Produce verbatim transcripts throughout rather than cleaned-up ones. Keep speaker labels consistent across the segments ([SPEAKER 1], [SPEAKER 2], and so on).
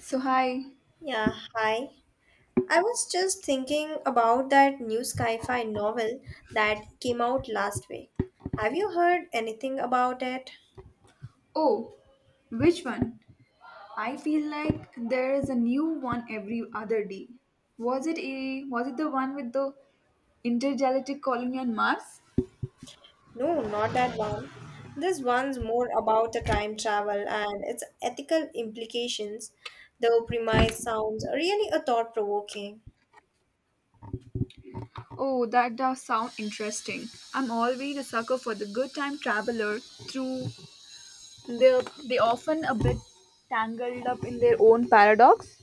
[SPEAKER 1] So, hi.
[SPEAKER 2] Yeah, hi. I was just thinking about that new sci-fi novel that came out last week. Have you heard anything about it?
[SPEAKER 1] Oh, which one? I feel like there is a new one every other day. Was it a was it the one with the intergalactic colony on Mars?
[SPEAKER 2] No, not that one. This one's more about the time travel and its ethical implications, though premise sounds really a thought-provoking.
[SPEAKER 1] Oh, that does sound interesting. I'm always a sucker for the good time traveler through they they often a bit tangled up in their own paradox.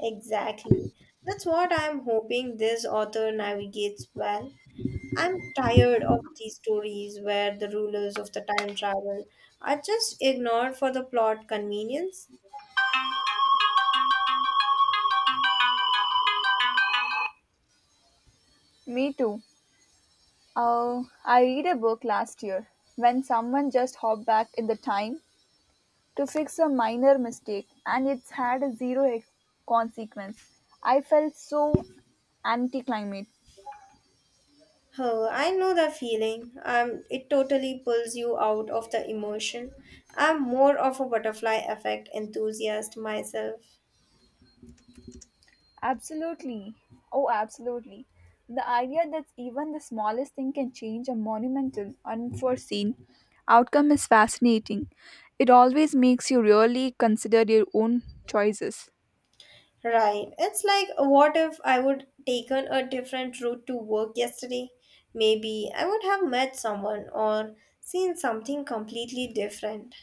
[SPEAKER 2] Exactly. That's what I'm hoping this author navigates well. I'm tired of these stories where the rulers of the time travel are just ignored for the plot convenience.
[SPEAKER 1] Me too. Uh, I read a book last year when someone just hopped back in the time to fix a minor mistake and it's had a zero ex- consequence. I felt so anticlimate.
[SPEAKER 2] Oh, I know the feeling. Um, it totally pulls you out of the emotion. I'm more of a butterfly effect enthusiast myself.
[SPEAKER 1] Absolutely. Oh, absolutely. The idea that even the smallest thing can change a monumental, unforeseen outcome is fascinating. It always makes you really consider your own choices.
[SPEAKER 2] Right. It's like what if I would taken a different route to work yesterday? Maybe I would have met someone or seen something completely different.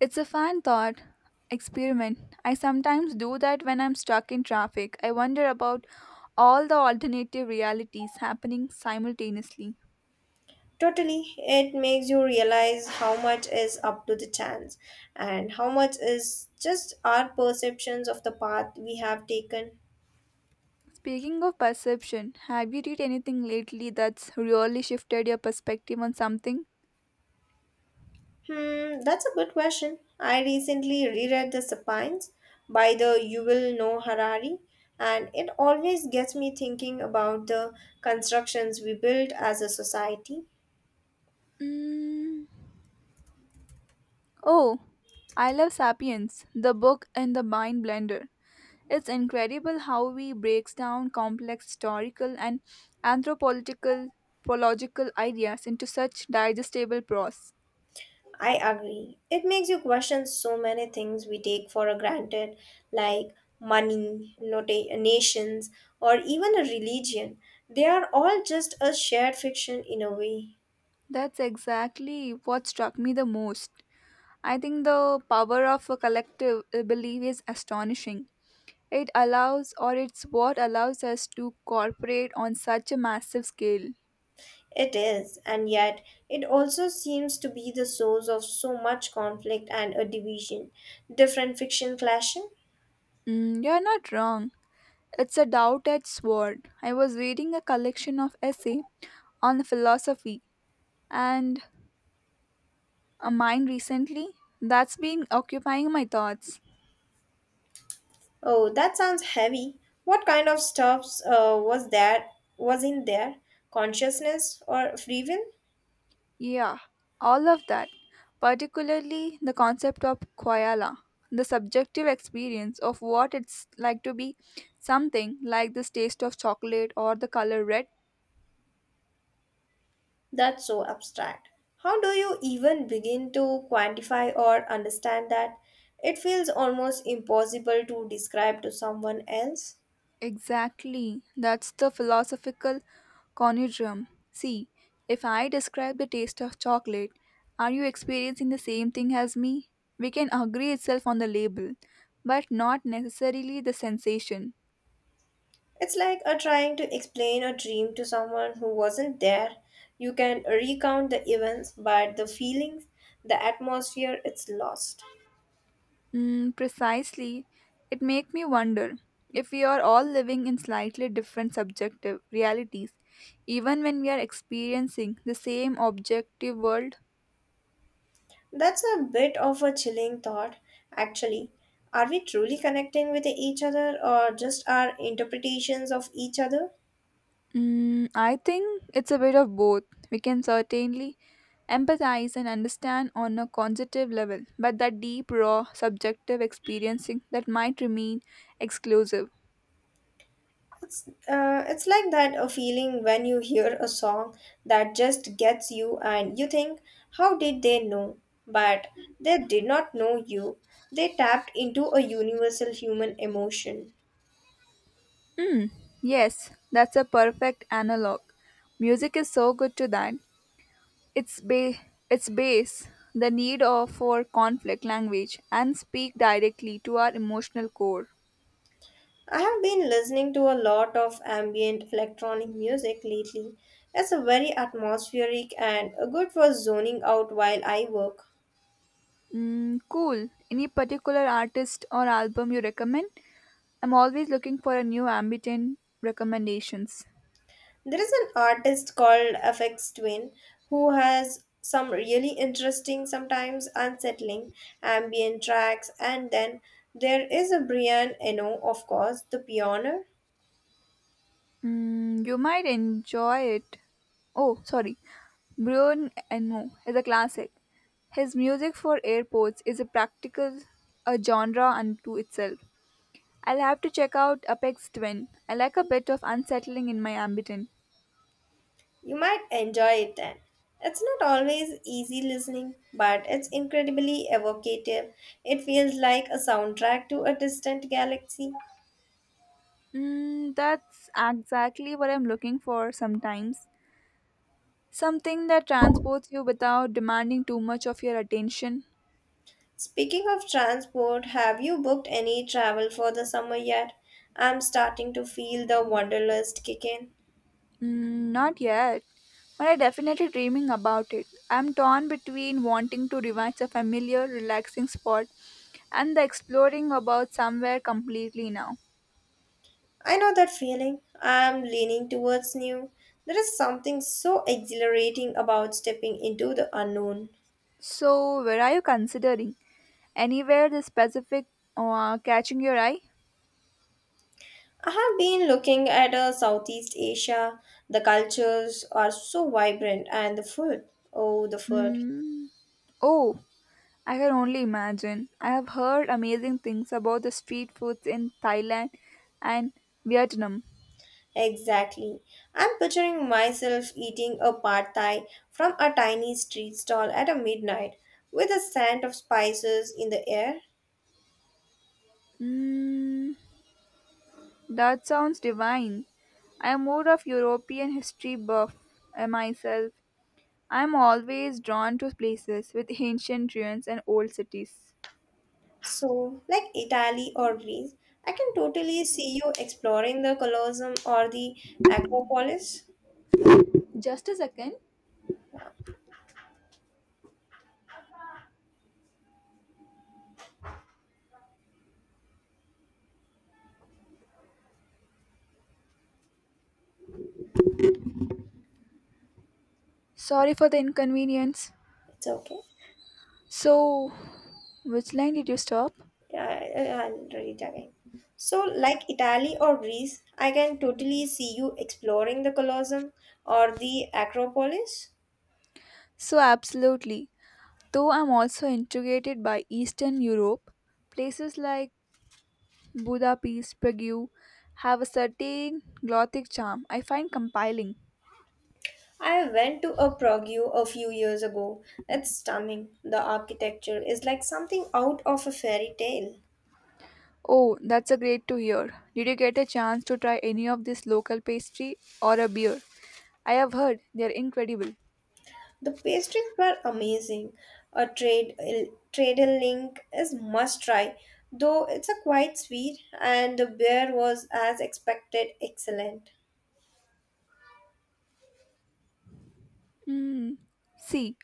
[SPEAKER 1] It's a fan thought experiment. I sometimes do that when I'm stuck in traffic. I wonder about all the alternative realities happening simultaneously.
[SPEAKER 2] Totally, it makes you realize how much is up to the chance and how much is just our perceptions of the path we have taken.
[SPEAKER 1] Speaking of perception, have you read anything lately that's really shifted your perspective on something?
[SPEAKER 2] Hmm, that's a good question. I recently reread The Sapiens* by the Yuval Noah Harari, and it always gets me thinking about the constructions we build as a society.
[SPEAKER 1] Mm. Oh, I love Sapiens, the book and the mind blender. It's incredible how he breaks down complex historical and anthropological pological ideas into such digestible prose.
[SPEAKER 2] I agree. It makes you question so many things we take for granted, like money, nota- nations, or even a religion. They are all just a shared fiction in a way.
[SPEAKER 1] That's exactly what struck me the most. I think the power of a collective uh, belief is astonishing. It allows, or it's what allows us to cooperate on such a massive scale.
[SPEAKER 2] It is, and yet it also seems to be the source of so much conflict and a division. Different fiction clashing.
[SPEAKER 1] Mm, you're not wrong. It's a doubt-edged sword. I was reading a collection of essay on philosophy, and a mind recently? That's been occupying my thoughts.
[SPEAKER 2] Oh, that sounds heavy. What kind of stuffs uh, was there? Was in there? Consciousness or free will?
[SPEAKER 1] Yeah, all of that. Particularly the concept of koala, the subjective experience of what it's like to be something like this taste of chocolate or the color red.
[SPEAKER 2] That's so abstract. How do you even begin to quantify or understand that? It feels almost impossible to describe to someone else.
[SPEAKER 1] Exactly, that's the philosophical conundrum. See, if I describe the taste of chocolate, are you experiencing the same thing as me? We can agree itself on the label, but not necessarily the sensation.
[SPEAKER 2] It's like a trying to explain a dream to someone who wasn't there. You can recount the events, but the feelings, the atmosphere, it's lost.
[SPEAKER 1] Mm, precisely. It makes me wonder if we are all living in slightly different subjective realities, even when we are experiencing the same objective world.
[SPEAKER 2] That's a bit of a chilling thought, actually. Are we truly connecting with each other or just our interpretations of each other?
[SPEAKER 1] Mm, I think it's a bit of both. We can certainly empathize and understand on a cognitive level, but that deep, raw, subjective experiencing that might remain exclusive.
[SPEAKER 2] It's, uh, it's like that a feeling when you hear a song that just gets you and you think, how did they know? But they did not know you. They tapped into a universal human emotion.
[SPEAKER 1] Yes, that's a perfect analog. Music is so good to that. its ba- its base the need of for conflict language and speak directly to our emotional core.
[SPEAKER 2] I have been listening to a lot of ambient electronic music lately. It's a very atmospheric and good for zoning out while I work.
[SPEAKER 1] Mm, cool, any particular artist or album you recommend? I'm always looking for a new ambient recommendations.
[SPEAKER 2] There is an artist called F X Twin who has some really interesting, sometimes unsettling ambient tracks, and then there is a Brian Eno, of course, the pioneer.
[SPEAKER 1] Mm, you might enjoy it. Oh, sorry. Brian Eno is a classic. His music for airports is a practical a genre unto itself. I'll have to check out Apex Twin. I like a bit of unsettling in my ambient.
[SPEAKER 2] You might enjoy it then. It's not always easy listening, but it's incredibly evocative. It feels like a soundtrack to a distant galaxy.
[SPEAKER 1] Mm, that's exactly what I'm looking for sometimes. Something that transports you without demanding too much of your attention.
[SPEAKER 2] Speaking of transport, have you booked any travel for the summer yet? I'm starting to feel the wanderlust kick in.
[SPEAKER 1] Mm, not yet, but I'm definitely dreaming about it. I'm torn between wanting to revise a familiar, relaxing spot and the exploring about somewhere completely now.
[SPEAKER 2] I know that feeling. I'm leaning towards new. There is something so exhilarating about stepping into the unknown.
[SPEAKER 1] So, where are you considering? Anywhere this specific uh, catching your eye?
[SPEAKER 2] I have been looking at uh, Southeast Asia. The cultures are so vibrant, and the food. Oh, the food.
[SPEAKER 1] Mm. Oh, I can only imagine. I have heard amazing things about the street foods in Thailand and Vietnam.
[SPEAKER 2] Exactly. I'm picturing myself eating a pad thai from a tiny street stall at a midnight with the scent of spices in the air.
[SPEAKER 1] Mm, that sounds divine. I am more of European history buff uh, myself. I am always drawn to places with ancient ruins and old cities.
[SPEAKER 2] So, like Italy or Greece, I can totally see you exploring the Colosseum or the Acropolis.
[SPEAKER 1] Just a second. Sorry for the inconvenience.
[SPEAKER 2] It's okay.
[SPEAKER 1] So, which line did you stop?
[SPEAKER 2] Yeah, I- I'll read it again. So, like Italy or Greece, I can totally see you exploring the Colosseum or the Acropolis.
[SPEAKER 1] So, absolutely. Though I'm also intrigued by Eastern Europe, places like Budapest, Prague have a certain Gothic charm I find compelling.
[SPEAKER 2] I went to a Prague a few years ago. It's stunning. The architecture is like something out of a fairy tale.
[SPEAKER 1] Oh, that's a great to hear. Did you get a chance to try any of this local pastry or a beer? I have heard they're incredible.
[SPEAKER 2] The pastries were amazing. A trade Tradle Link is must try, though it's a quite sweet, and the beer was as expected excellent.
[SPEAKER 1] Mm. See,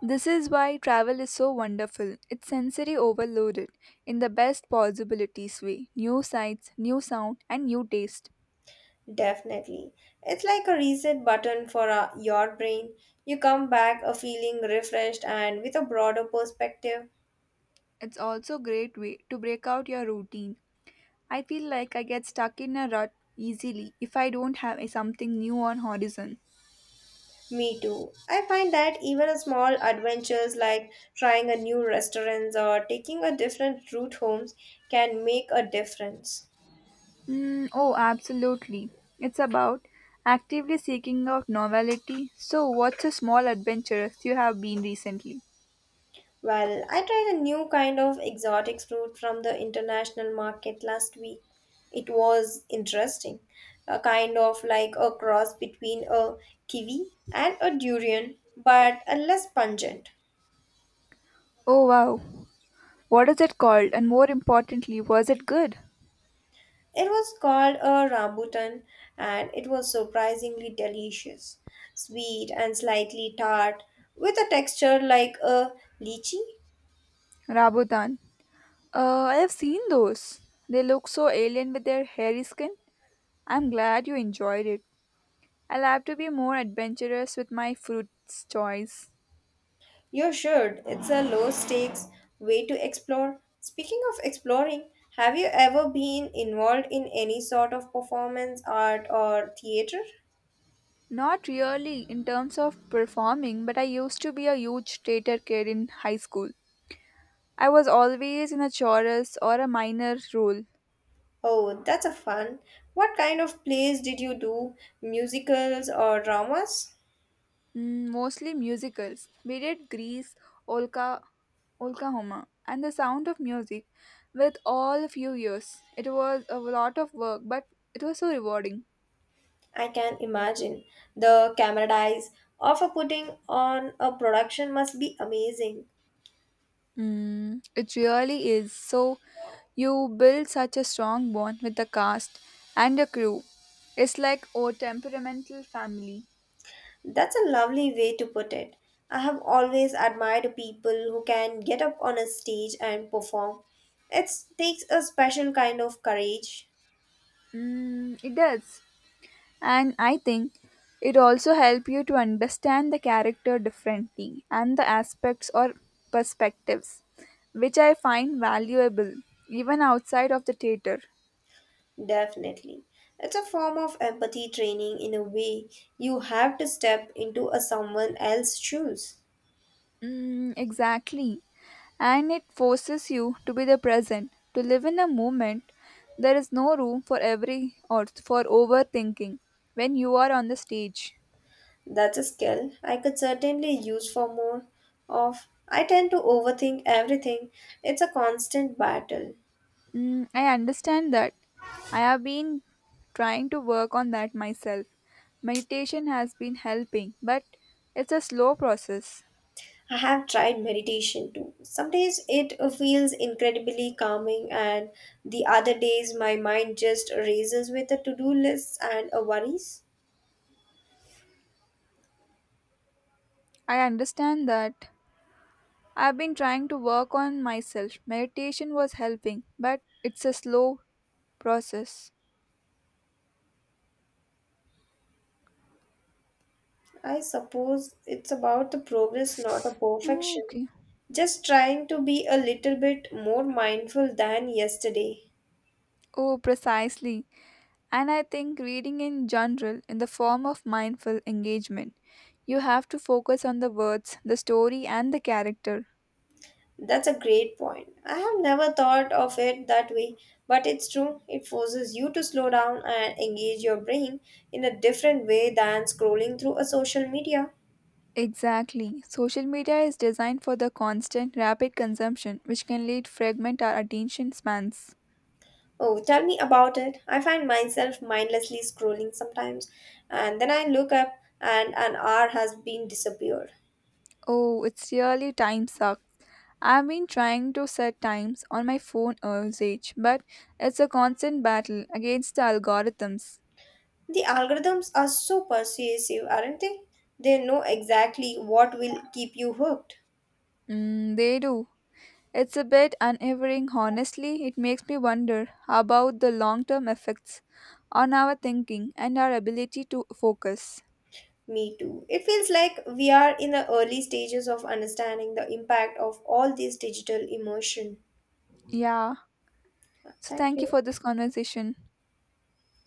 [SPEAKER 1] this is why travel is so wonderful. It's sensory overloaded in the best possibilities way. New sights, new sound, and new taste.
[SPEAKER 2] Definitely, it's like a reset button for uh, your brain. You come back a feeling refreshed and with a broader perspective.
[SPEAKER 1] It's also great way to break out your routine. I feel like I get stuck in a rut easily if I don't have a- something new on horizon.
[SPEAKER 2] Me too. I find that even a small adventures like trying a new restaurant or taking a different route homes can make a difference.
[SPEAKER 1] Mm, oh, absolutely. It's about actively seeking out novelty. So, what's a small adventure you have been recently?
[SPEAKER 2] Well, I tried a new kind of exotic fruit from the international market last week. It was interesting, a kind of like a cross between a kiwi and a durian, but a less pungent.
[SPEAKER 1] Oh wow. What is it called? And more importantly, was it good?
[SPEAKER 2] It was called a rambutan and it was surprisingly delicious, sweet and slightly tart, with a texture like a lychee.
[SPEAKER 1] Rabotan. Uh, I have seen those. They look so alien with their hairy skin. I'm glad you enjoyed it. I'll have to be more adventurous with my fruits choice.
[SPEAKER 2] You should. It's a low stakes way to explore. Speaking of exploring, have you ever been involved in any sort of performance art or theater?
[SPEAKER 1] Not really in terms of performing, but I used to be a huge theater kid in high school. I was always in a chorus or a minor role.
[SPEAKER 2] Oh, that's a fun. What kind of plays did you do? Musicals or dramas?
[SPEAKER 1] Mm, mostly musicals. We did Grease, Olka, Oklahoma, and The Sound of Music with all a few years. It was a lot of work, but it was so rewarding.
[SPEAKER 2] I can imagine. The camera dies of a putting on a production must be amazing.
[SPEAKER 1] Mm, it really is. So you build such a strong bond with the cast and the crew. It's like a temperamental family.
[SPEAKER 2] That's a lovely way to put it. I have always admired people who can get up on a stage and perform. It takes a special kind of courage,
[SPEAKER 1] Mm, it does. And I think it also helps you to understand the character differently and the aspects or perspectives, which I find valuable even outside of the theater.
[SPEAKER 2] definitely. It's a form of empathy training in a way. You have to step into a someone else's shoes.
[SPEAKER 1] Mm, exactly. And it forces you to be the present, to live in a moment. There is no room for every or for overthinking when you are on the stage.
[SPEAKER 2] That's a skill I could certainly use for more of. I tend to overthink everything. It's a constant battle.
[SPEAKER 1] Mm, I understand that. I have been trying to work on that myself. Meditation has been helping, but it's a slow process.
[SPEAKER 2] I have tried meditation too. Some days it uh, feels incredibly calming, and the other days my mind just races with the to do lists and uh, worries.
[SPEAKER 1] I understand that. I've been trying to work on myself. Meditation was helping, but it's a slow process.
[SPEAKER 2] I suppose it's about the progress, not a
[SPEAKER 1] Mm,
[SPEAKER 2] perfection.
[SPEAKER 1] okay.
[SPEAKER 2] Just trying to be a little bit more mindful than yesterday.
[SPEAKER 1] Oh, precisely. And I think reading in general, in the form of mindful engagement, you have to focus on the words, the story, and the character.
[SPEAKER 2] That's a great point. I have never thought of it that way, but it's true. It forces you to slow down and engage your brain in a different way than scrolling through a social media.
[SPEAKER 1] Exactly. Social media is designed for the constant, rapid consumption, which can lead fragment our attention spans.
[SPEAKER 2] Oh, tell me about it. I find myself mindlessly scrolling sometimes, and then I look up and an hour has been disappeared.
[SPEAKER 1] Oh, it's really time sucks. I've been trying to set times on my phone usage, but it's a constant battle against the algorithms.
[SPEAKER 2] The algorithms are so persuasive, aren't they? They know exactly what will keep you hooked.
[SPEAKER 1] Mm, they do. It's a bit unnerving, honestly. It makes me wonder about the long term effects on our thinking and our ability to focus.
[SPEAKER 2] Me too. It feels like we are in the early stages of understanding the impact of all this digital immersion.
[SPEAKER 1] Yeah, so
[SPEAKER 2] Thank
[SPEAKER 1] thank you
[SPEAKER 2] you.
[SPEAKER 1] for this conversation.